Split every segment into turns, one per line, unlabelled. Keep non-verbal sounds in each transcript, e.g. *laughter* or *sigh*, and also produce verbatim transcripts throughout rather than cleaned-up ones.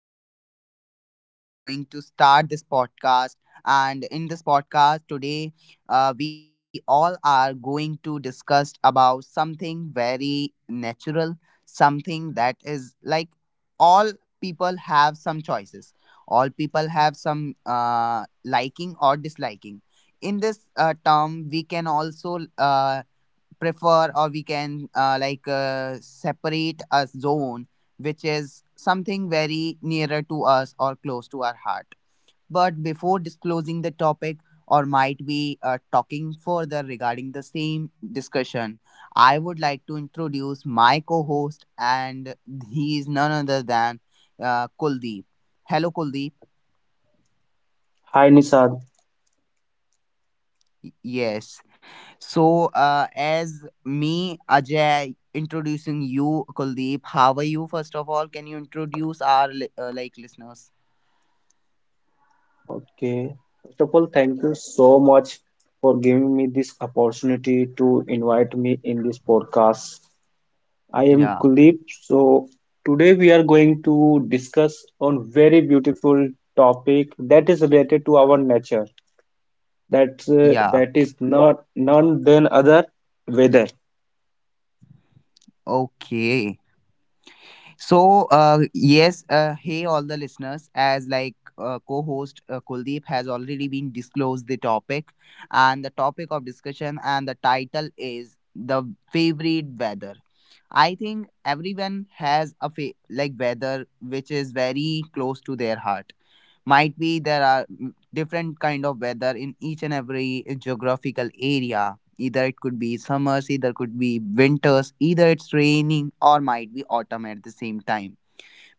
and uh, today I'm going to start this podcast. And in this podcast today, uh, we all are going to discuss about something very natural, something that is like all people have some choices. All people have some uh, liking or disliking. In this uh, term, we can also uh, prefer, or we can uh, like uh, separate a zone which is something very nearer to us or close to our heart, but before disclosing the topic or might be uh, talking further regarding the same discussion, I would like to introduce my co-host, and he is none other than uh, Kuldeep. Hello Kuldeep.
Hi Nisad.
Y- yes. So, uh, as me, Ajay, introducing you, Kuldeep, how are you? First of all, can you introduce our li- uh, like listeners?
Okay. First of all, thank you so much for giving me this opportunity to invite me in this podcast. I am
Yeah,
Kuldeep. So today we are going to discuss on very beautiful topic that is related to our nature. That uh,
yeah,
that is not none than other weather.
okay. So, uh, yes, uh, hey, all the listeners, as like uh, co host uh, Kuldeep has already been disclosed the topic, and the topic of discussion and the title is The Favorite Weather. I think everyone has a fa- like weather which is very close to their heart. Might be there are mm, different kind of weather in each and every geographical area. Either it could be summers, either could be winters, either it's raining, or might be autumn at the same time.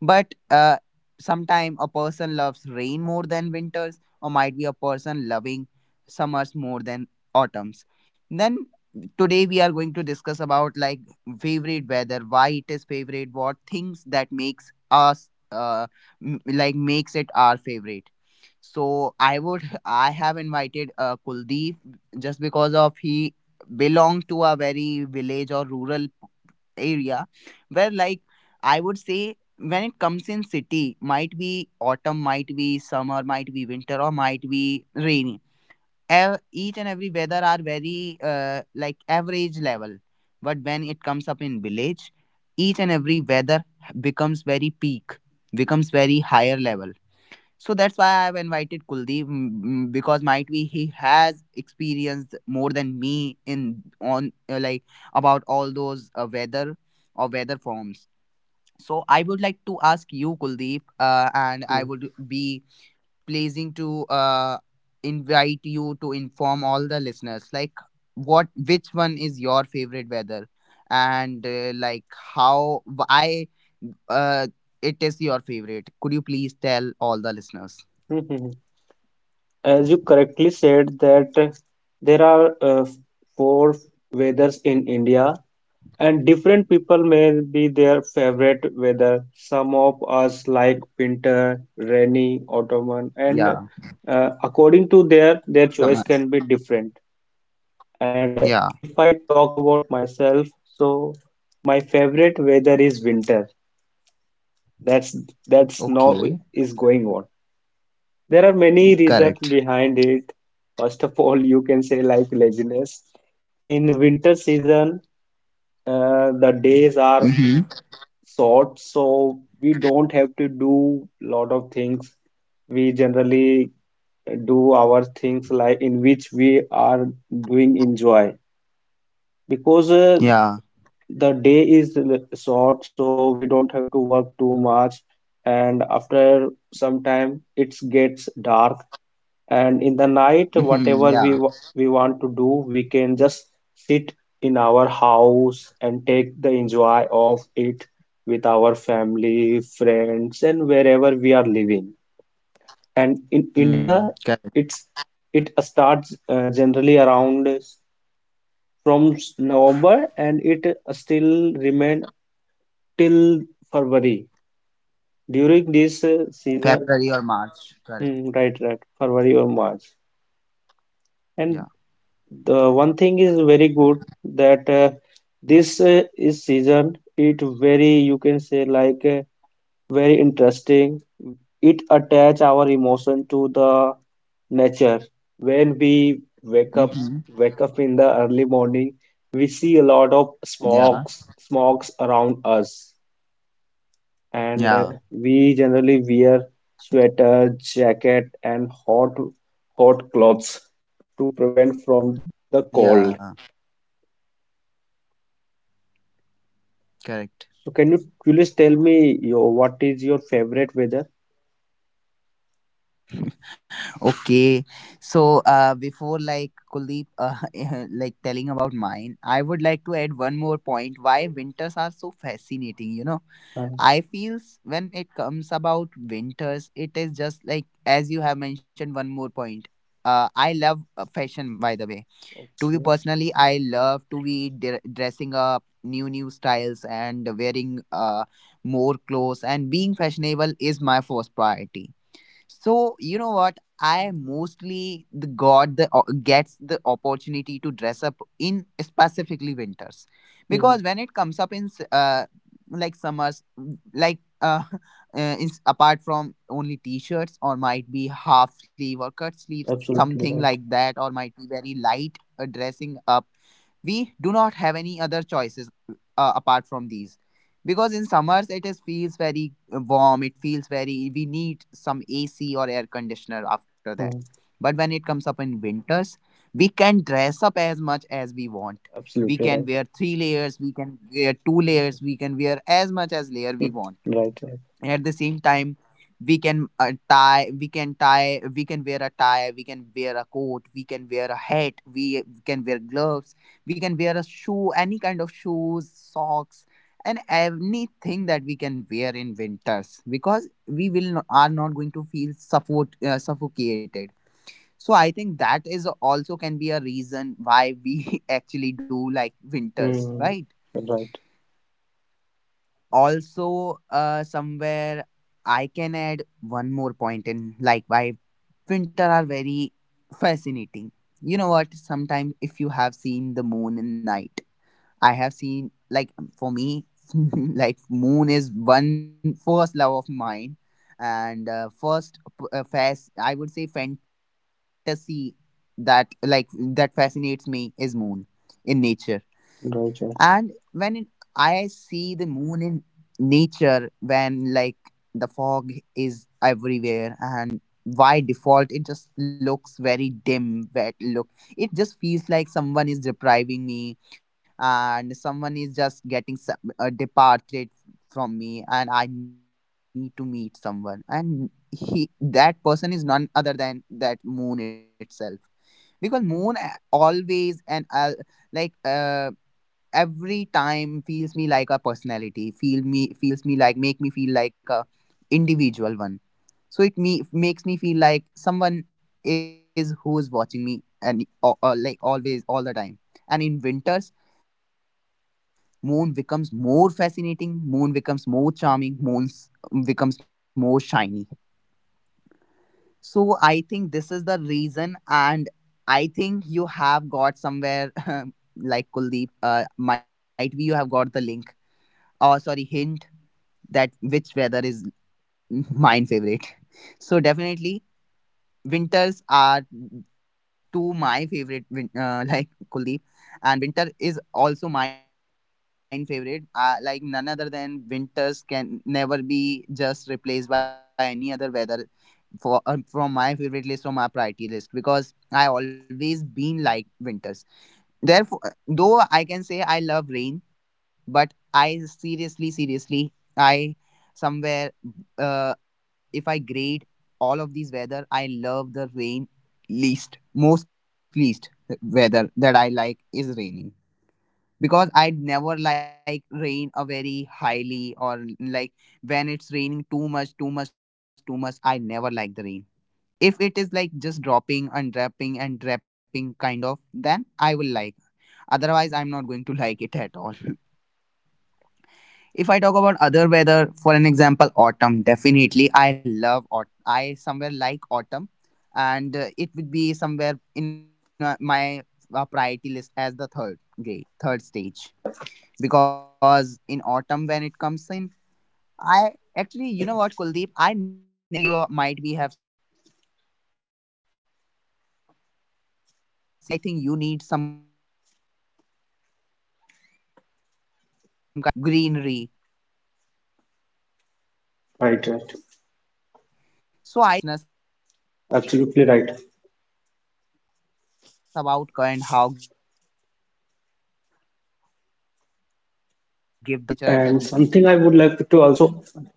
But uh, sometime a person loves rain more than winters, or might be a person loving summers more than autumns. Then today we are going to discuss about like favorite weather, why it is favorite, what things that makes us uh, m- like makes it our favorite. So I would *laughs* I have invited uh, Kuldeep just because of he belong to a very village or rural area where like I would say when it comes in city, might be autumn, might be summer, might be winter, or might be rainy. Ev- each and every weather are very uh, like average level, but when it comes up in village, each and every weather becomes very peak, becomes very higher level. So that's why I've invited Kuldeep, mm, mm, because might be he has experienced more than me in on uh, like about all those uh, weather or weather forms. So I would like to ask you, Kuldeep, uh, and I
Hmm.
would be pleasing to uh, invite you to inform all the listeners like what which one is your favorite weather, and uh, like how why uh, it is your favorite. Could you please tell all the listeners?
Hmm, hmm, hmm. As you correctly said that uh, there are uh, four weathers in India. And different people may be their favorite weather. Some of us like winter, rainy, autumn, and
Yeah,
uh, according to their their choice can
Samas.
be different. And
Yeah,
if I talk about myself, so my favorite weather is winter. That's that's now
okay,
is going on. There are many reasons
correct.
behind it. First of all, you can say like laziness. In winter season, uh, the days are
Mm-hmm.
short, so we don't have to do lot of things. We generally do our things like in which we are doing enjoy, because uh,
Yeah,
the day is l- short, so we don't have to work too much. And after some time, it gets dark, and in the night
mm-hmm.
whatever we
Yeah.
wa- we want to do, we can just sit in our house and take the enjoy of it with our family friends and wherever we are living. And in India,
Hmm. Correct.
it's it starts uh, generally around s- from s- November, and it uh, still remain till February during this uh, season.
February or March, correct.
Hmm, right, right, February or March. And
Yeah,
the one thing is very good, that uh, this uh, is season. It very, you can say like uh, very interesting. It attach our emotion to the nature. When we wake up,
mm-hmm.
wake up in the early morning, we see a lot of
Yeah,
smokes, smokes around us, and uh,
yeah,
we generally wear sweater, jacket, and hot, hot clothes to prevent from the cold.
yeah, correct.
So can you please tell me your what is your favorite weather?
Okay, so uh, before like Kuldeep, uh, *laughs* like telling about mine, I would like to add one more point why winters are so fascinating, you know
Uh,
I feels when it comes about winters, it is just like as you have mentioned one more point. Uh, I love uh, fashion by the way. To be
okay.
personally, I love to be dre- dressing up new new styles, and wearing uh more clothes, and being fashionable is my first priority. So you know what? I mostly the got the o- gets the opportunity to dress up in specifically winters, because
Hmm.
when it comes up in s- uh like summers, mm, like uh, *laughs* uh is apart from only t-shirts, or might be half sleeve or cut sleeves, something
Absolutely
like
right.
that, or might be very light uh, dressing up. We do not have any other choices uh, apart from these, because in summers it is feels very uh, warm, it feels very, we need some AC or air conditioner after that.
Hmm.
But when it comes up in winters, we can dress up as much as we want. We can
Absolutely
wear
right.
three layers, we can wear two layers,
Mhm.
we can wear as much as layer we
Hmm.
want.
Right. Right.
At the same time, we can uh, tie we can tie, we can wear a tie, we can wear a coat, we can wear a hat, we can wear gloves, we can wear a shoe, any kind of shoes, socks, and anything that we can wear in winters, because we will not, are not going to feel suffo- uh, suffocated. So I think that is also can be a reason why we *laughs* actually do like winters, right?
Hmm. Right. Right.
Also uh, somewhere I can add one more point in like why winter are very fascinating. You know what, sometimes if you have seen the moon in night, I have seen like um, for me, *laughs* like moon is one first love of mine, and uh, first p- uh, fas- I would say fantasy that like that fascinates me is moon in nature. And when it,
Right.
I see the moon in nature when like the fog is everywhere, and by default it just looks very dim wet look. It just feels like someone is depriving me, and someone is just getting some, uh, departed from me, and I need to meet someone, and he that person is none other than that moon itself, because moon a- always, and uh, like uh, every time feels me like a personality, feel me feels me like, make me feel like a individual one. So it me makes me feel like someone is who is watching me, and uh, uh, like always all the time. And in winters, moon becomes more fascinating, moon becomes more charming, moon becomes more shiny. So I think this is the reason, and I think you have got somewhere *laughs* like Kuldeep. Uh, might be you have got the link. Oh, sorry, hint, that which weather is *laughs* mine favorite. So definitely winters are two my favorite. win- Uh, *laughs* like Kuldeep, and winter is also mine favorite. Uh, like none other than winters can never be just replaced by any other weather for um, from my favorite list, from my priority list, because I always been like winters. Therefore, though I can say I love rain, but I seriously, seriously, I somewhere uh, if I grade all of these weather, I love the rain least, most least weather that I like is raining, because I never like rain a very highly, or like when it's raining too much, too much, too much. I never like the rain. If it is like just dropping, unwrapping, and wrapping kind of, then I will like. Otherwise, I'm not going to *laughs* like it at all. *laughs* If I talk about other weather, for an example, autumn, definitely I love autumn. I somewhere like autumn, and uh, it would be somewhere in uh, my uh, priority list as the third grade, third stage. Because in autumn, when it comes in, I actually, you know what, Kuldeep, I never have been experienced that much autumn, because in cities you are- might be have seen there are only buildings, and aut- for feeling autumn, I think you need some kind of yards, you ca- need trees, you na- need some greenery. So I
Right,
think
right.
more than me, you will be able to ex- uh, tell all the
Absolutely
listeners
right.
about autumn. What? How exactly autumn feels like, and how give the how autumn exactly gives the vibes, and
And
what
something
is
I
the
would like
temperature
to
at that
also
moment?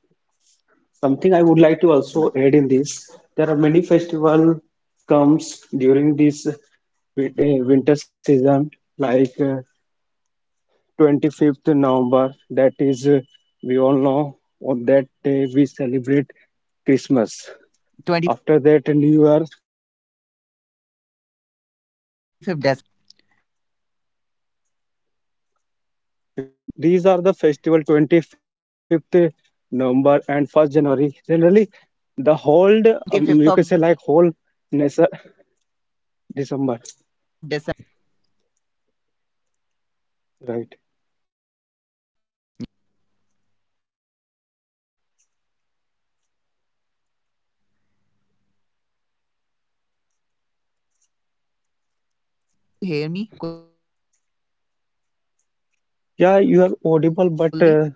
something I would like to also add in
Yeah.
this. There are many festival
Hmm.
comes during this wi- eh, winter season, like uh, twenty-fifth November. That is, uh, we all know on that day we celebrate Christmas. After that, New Year.
twenty-fifth December. Yeah,
Yeah, because
yeah,
these
yeah,
are
go
the
ahead
festival
Kuldeep.
twenty-fifth November and first January. Generally, the whole um, you can say like whole
twenty-fifth of
nessa
December, Kuldeep, I think so.
December,
Yeah, you can go ahead.
right?
Yeah, you were saying something, right? Are you able to hear me, Kuldeep?
Yeah, you are audible, but uh,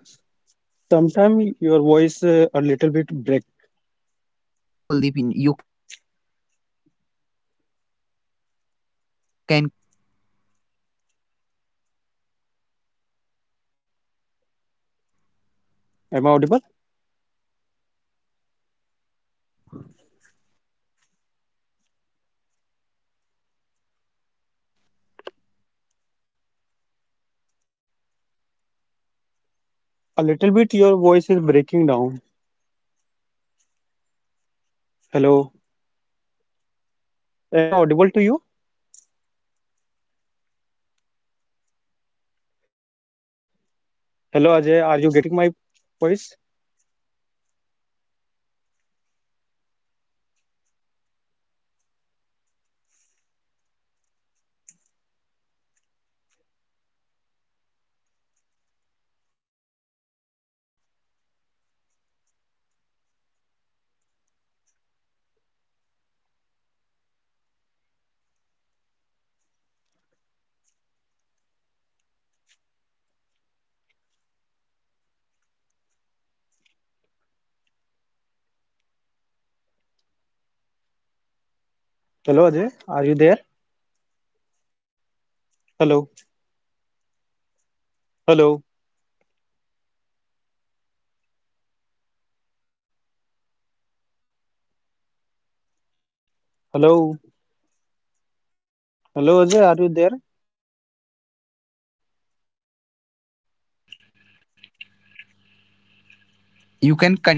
sometimes your voice uh, a little bit break.
It's fine Kuldeep, you you can continue with your point. Continue.
Am I audible?
Yeah, yeah, you are audible, you can continue. Go ahead Kuldeep, continue.
A little bit. Your voice is breaking down.
It's fine, it's
Hello,
fine. Continue for all the listeners.
am I
Continue
audible
for
to
all
you?
the listeners. Yes, you are. You are. You can continue.
Hello Ajay, are you getting my voice?
Yes, I am getting. You can continue.
Hello Ajay, are you there? Hello, hello, hello, hello Ajay, are you there?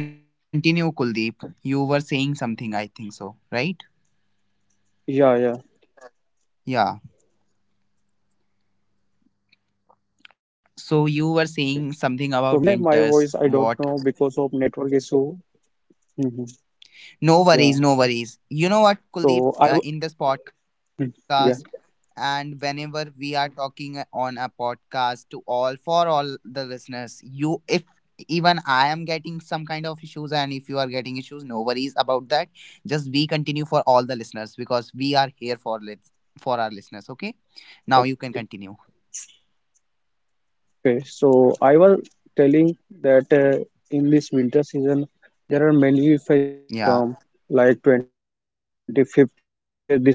You can continue, Kuldeep. You were saying something, I think so, right?
Yeah, yeah.
Yeah.
Okay. So
So
meanwhile,
you
my
were
voice I
saying
don't
something
know
about
because of
winters.
network
What?
issue. Hmm. Yeah.
No worries, no worries.
So I
You
w-
know what, Kuldeep, uh,
Hmm,
in this
yeah.
podcast, and whenever we are talking on a podcast to all, for all the listeners, you, if even I am getting some kind of issues, and if you are getting issues, no worries about that. Just we continue for all the listeners because we are here for, lit- for our listeners, okay?
Okay.
Now you can continue.
Okay, so I was telling that uh, in this winter season there are many festivals come,
Yeah.
like twenty-fifth December,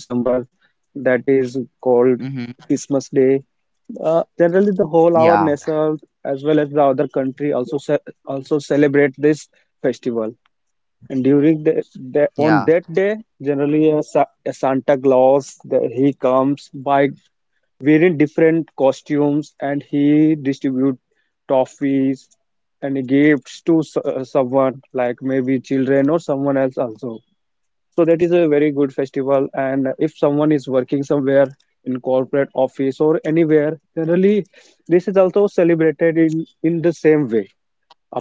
that is called Christmas Day.
Mm-hmm.
Uh, generally, the whole our nation as well as
Yeah,
the other country also ce also celebrate this festival. And during the, the on that day,
yeah,
generally a, Sa- a Santa Claus, the, he comes by wearing different costumes, and he distribute toffees and gifts to s- uh, someone like maybe children or someone else also. So that is a very good festival, and if someone is working somewhere in corporate office or anywhere, generally this is also celebrated in in the same way.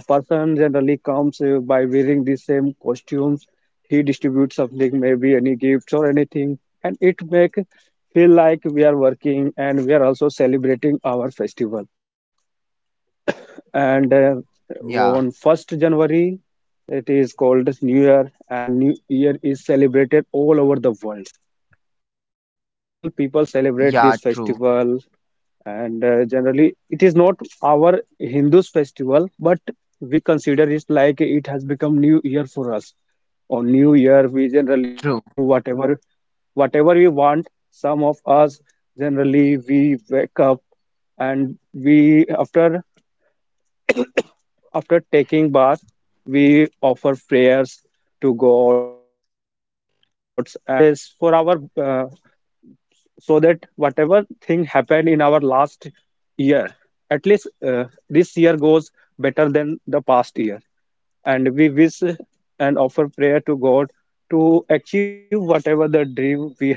A person generally comes uh, by wearing the same costumes. He distributes something, maybe any gifts or anything, and it make feel like we are working and we are also celebrating our festival. And uh, on first
yeah,
January, it is called as New Year, and New Year is celebrated all over the world. All people celebrate this
yeah.
festival.
True,
And uh, generally it is not our hindus festival, but we consider it like it has become new year for us. On new year we generally do
true.
whatever whatever we want. Some of us generally we wake up, and we after after taking bath we offer prayers to gods, and we wishes for our uh, so that whatever thing happened in our last year, at least uh, this year goes better than the past year. And we wish and offer prayer to god to achieve whatever the dream we have,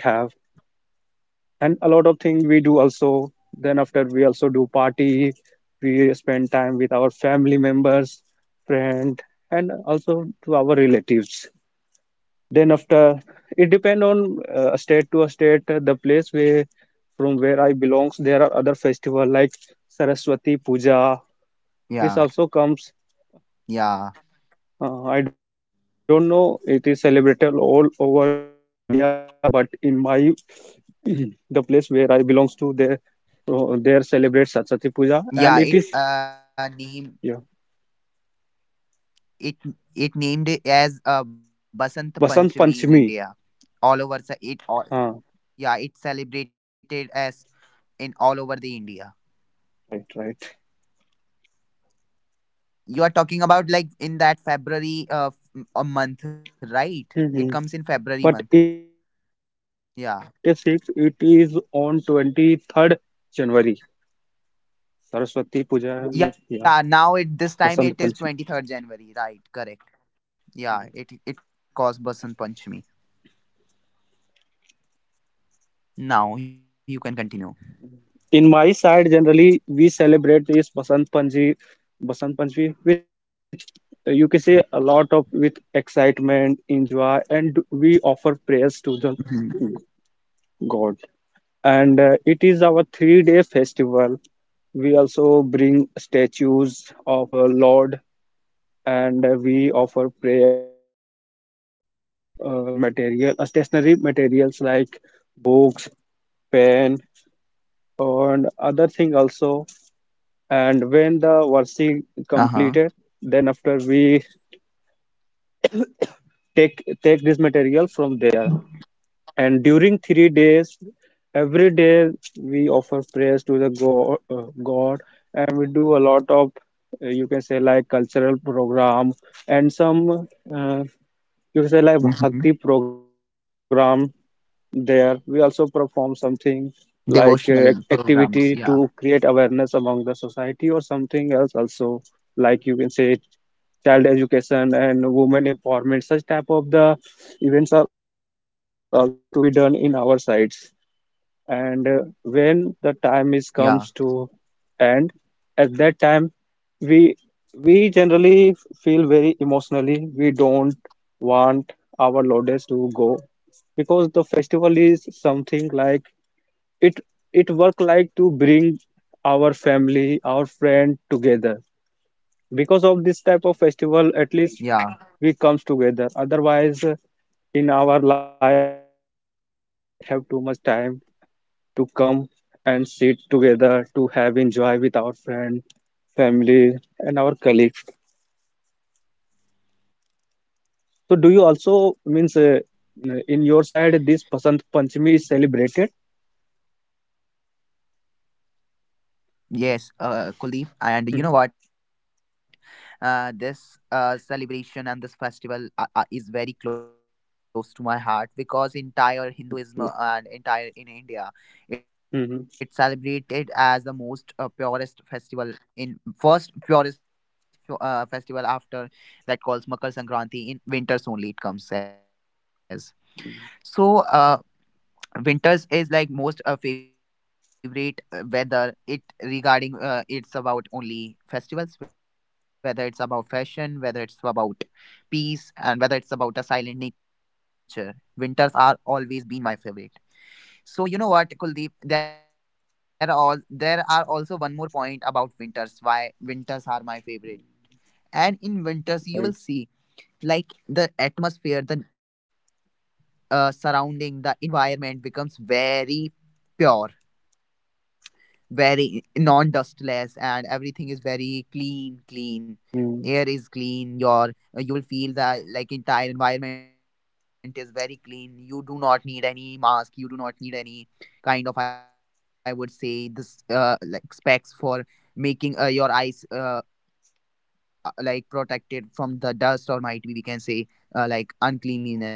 and a lot of things we do also. Then after we also do party. We spend time with our family members, friend, and also to our relatives. Then after, it depend on uh, state to state, uh, the place where from where I belongs. There are other festival like saraswati puja,
Yeah,
this also comes.
yeah,
uh, I don't know it is celebrated all over india or not, but in my *clears throat* the place where I belongs to, there uh, there celebrate saraswati puja, and it is,
yeah. It uh name
yeah,
it it named it as uh Basant
basant
Panchami in
panchami.
India. All over se- it all
Ah,
yeah. It celebrated as in all over the India.
right, right.
You are talking about like in that February uh f- a month, right?
Mm-hmm.
It comes in
But
February
in
month.
this uh, two,
Yeah.
two thousand twenty-six, it is on twenty-third January, Saraswati Puja. Mein, yeah,
Yeah, now it this time it
Basant
is
Panchami.
twenty-third January, right? Correct. Yeah, it it calls Basant Panchami. Now you can continue.
In my side, generally, we celebrate this Basant Panchami, Basant Panchami with, uh, you can say, a lot of with excitement, enjoy, and we offer prayers to the
Hmm.
God. And uh, it is our three-day festival. We also bring statues of uh, Lord, and uh, we offer prayers. We submit our uh, material, uh, stationary materials like books, pen, and other thing also. And when the worship
Uh huh.
completed, then after we take take this material from there. And during three days, every day we offer prayers to the god, uh, god, and we do a lot of, uh, you can say like, cultural program, and some, uh, you can say like,
Hmm.
bhakti program. There we also perform something like uh, ac-
Devotional
activity to
programs. Yeah.
create awareness among the society or something else also, like you can say child education and women empowerment. Such type of the events are also to be done in our sites. And uh, when the time is comes to
Yeah.
end, at that time we we generally feel very emotionally, we don't want our loaders to go, because the festival is something like it it work like to bring our family, our friend together. Because of this type of festival, at least
Yeah.
we comes together. Otherwise, uh, in our life we don't have too much time to come and sit together to have enjoy with our friend, family, and our colleagues. So do you also means, uh, in your side this pasant panchami is celebrated?
Yes. Uh, Kuldeep. And you
Mhm.
know what? Uh, this uh celebration and this festival uh, uh, is very close to my heart because
Yeah.
entire Hinduism uh, and entire in
Mhm.
India, it's celebrated as the most uh, purest festival in first purest uh, festival after that calls Makar Sankranti in winters only it comes as. So, uh, winters is like most uh, favorite uh, weather. It regarding uh, it's about only festivals, whether it's about fashion, whether it's about peace, and whether it's about a silent nature. Winters are always been my favorite. So you know what, Kuldeep? There are all there are also one more point about winters. Why winters are my favorite? And in winters, you will see
Right.
like the atmosphere the uh, surrounding the environment becomes very pure, very non dustless, and everything is very clean clean, air
Right.
is clean, your uh, you will feel that like entire environment is very clean. You do not need any mask, you do not need any kind of, I would say this uh, like specs for making uh, your eyes uh, uh, like protected from the dust, or might be we can say uh, like uncleanliness, right?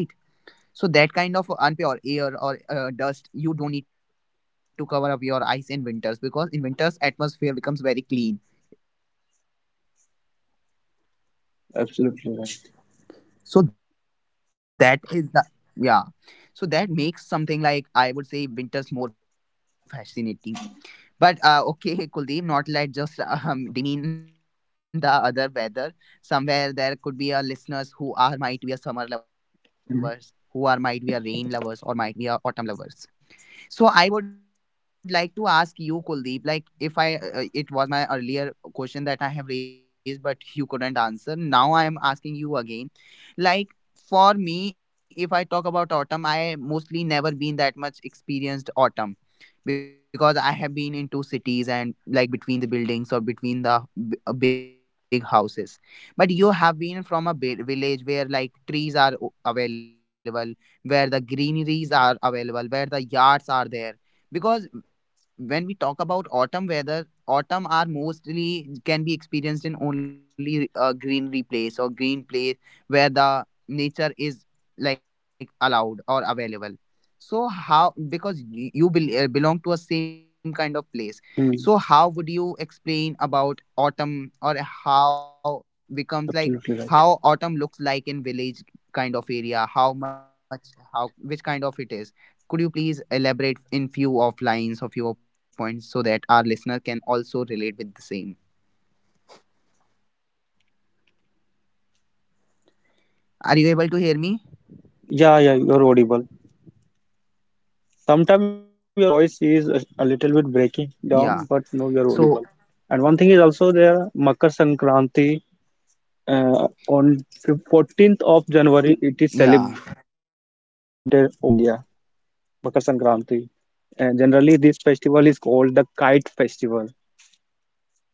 So that kind of unpure air or uh, dust, you don't need to cover up your eyes in winters because in winters atmosphere becomes very clean, environment becomes very clean.
Absolutely right.
So that is the yeah. So that makes something like I would say winters more fascinating. But uh, okay, *laughs* Kuldeep, not let just um, demean the other weather. Somewhere there could be a listeners who are might be a summer lovers, who are
Mhm.
might be a rain lovers, or might be a autumn lovers. So I would like to ask you, Kuldeep, like if I, uh, it was my earlier question that I have raised, but you couldn't answer. Now I am asking you again. Like for me, if I talk about autumn, I mostly never been that much experienced autumn because I have been in two cities and like between the buildings or between the b- uh, big houses. But you have been from a bi- village where like trees are o- available, where the greeneries are available, where the yards are there. Because when we talk about autumn weather, autumn are mostly can be experienced in only a greenery place or green place where the nature is like allowed or available. So how, because y- you bel uh, belong to a same kind of place, so how would you
Mm.
explain about autumn, or how becomes like how autumn
Absolutely
looks
right.
like in village kind of area, how much, how which kind of it is, could you please elaborate in few of lines or few of points so that our listener can also relate with the same? Are you able to hear me?
Yeah, yeah, you're audible. Sometimes your voice is a, a
Yeah.
little bit breaking
So
down, but no, you're audible. And one thing is also there, Makar Sankranti, uh, on fif- 14th of
yeah,
January, it is celebrated all over the India. Makar Sankranti. And generally, this festival is called the kite festival.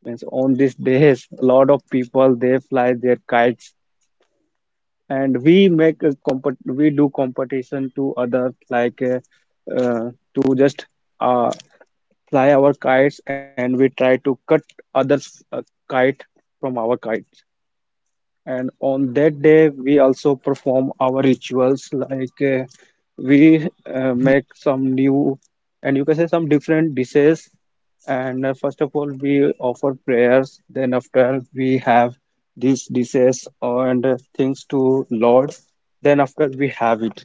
Means on these days, a lot of people they
yeah,
fly their kites, and we make a compet we do competition to others, like uh, uh, to just uh, fly our kites, and we try to cut others uh, kite from our kite. And on that day we also perform our
yeah,
rituals,
very true.
like uh, we uh, make some new, and you can say, some different dishes. And uh, first of all we offer prayers, then after we have these dishes and uh, things to lord. Then after, we have it.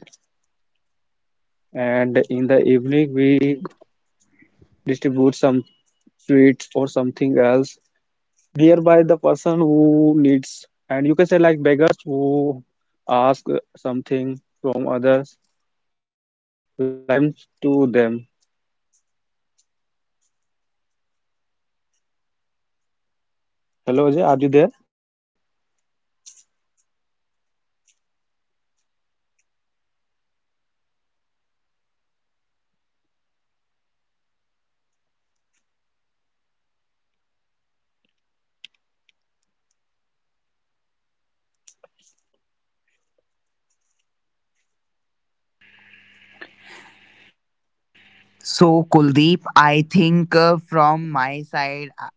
And in the evening we distribute some sweets or something else nearby the person who needs, and you can say like beggars who ask something from others, like them, to them. Hello Ajay, are you there?
So, Kuldeep, I think uh, from my side, uh,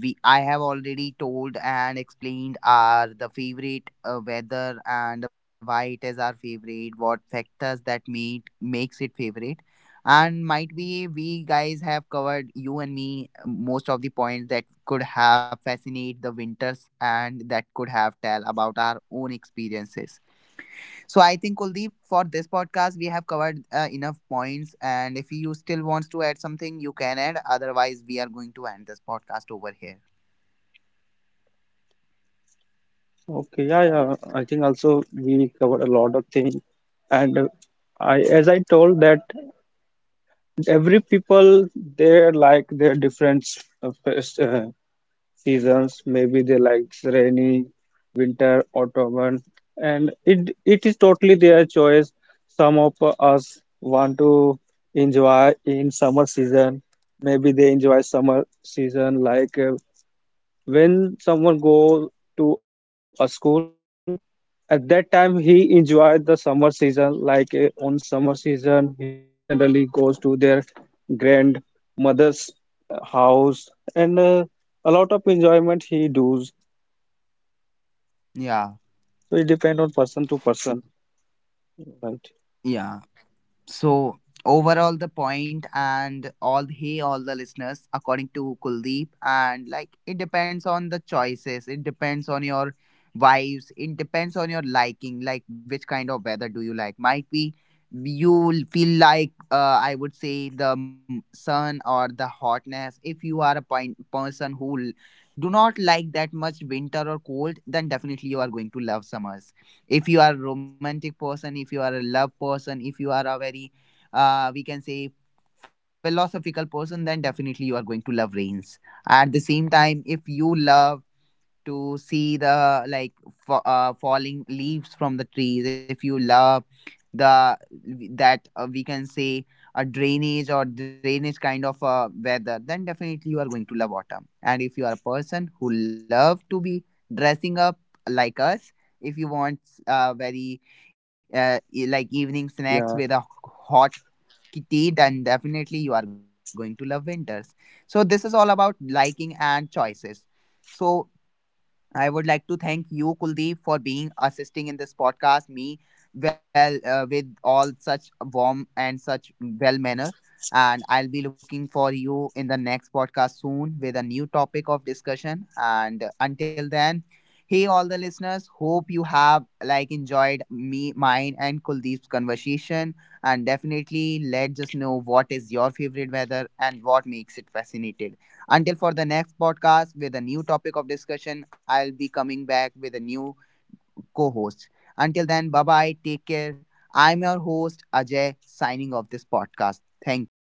we I have already told and explained our the favorite uh, weather and why it is our favorite, what factors that made makes it favorite, and might be we guys have covered you and me, uh, most of the points that could have fascinate the winters and that could have tell about our own experiences. So I think Kuldeep, for this podcast, we have covered uh, enough points. And if you still wants to add something, you can add. Otherwise, we are going to end this podcast over here.
Okay, yeah, yeah, I think also we covered a lot of things. And uh, I, as I told that, every people they like their different uh, seasons. Maybe they like rainy, winter, autumn, and it it is totally their choice. Some of us want to enjoy in summer season. Maybe they enjoy summer season like, uh, when someone go to a school, at that time he enjoyed the summer season, like uh, on summer season he generally goes to their grandmother's uh, house, and uh, a lot of enjoyment he does.
Yeah,
So it depends on person to person, right?
yeah. So overall, the point and all, hey all the listeners, according to Kuldeep, and like it depends on the choices. It depends on your vibes. It depends on your liking. Like which kind of weather do you like? Might be you feel like, uh, I would say the m- sun or the hotness. If you are a point person who l- do not like that much winter or cold, then definitely you are going to love summers. If you are a romantic person, if you are a love person, if you are a very uh, we can say philosophical person, then definitely you are going to love rains. At the same time, if you love to see the like fa- uh, falling leaves from the trees, if you love the that uh, we can say a drainage or drainage kind of uh, weather, then definitely you are going to love autumn. And if you are a person who love to be dressing up like us, if you want uh, very uh, e- like evening snacks with a
Yeah.
hot kitty, then definitely you are going to love winters. So this is all about liking and choices. So I would like to thank you, Kuldeep, for being assisting in this podcast. Me, well, uh, with all such warm and such well manner, and I'll be looking for you in the next podcast soon with a new topic of discussion. And until then, hey, all the listeners, hope you have like enjoyed me, mine, and Kuldeep's conversation. And definitely, let us know what is your favorite weather and what makes it fascinating. Until for the next podcast with a new topic of discussion, I'll be coming back with a new co host. Until then, bye bye, take care. I'm your host, Ajay, signing off this podcast. Thank you.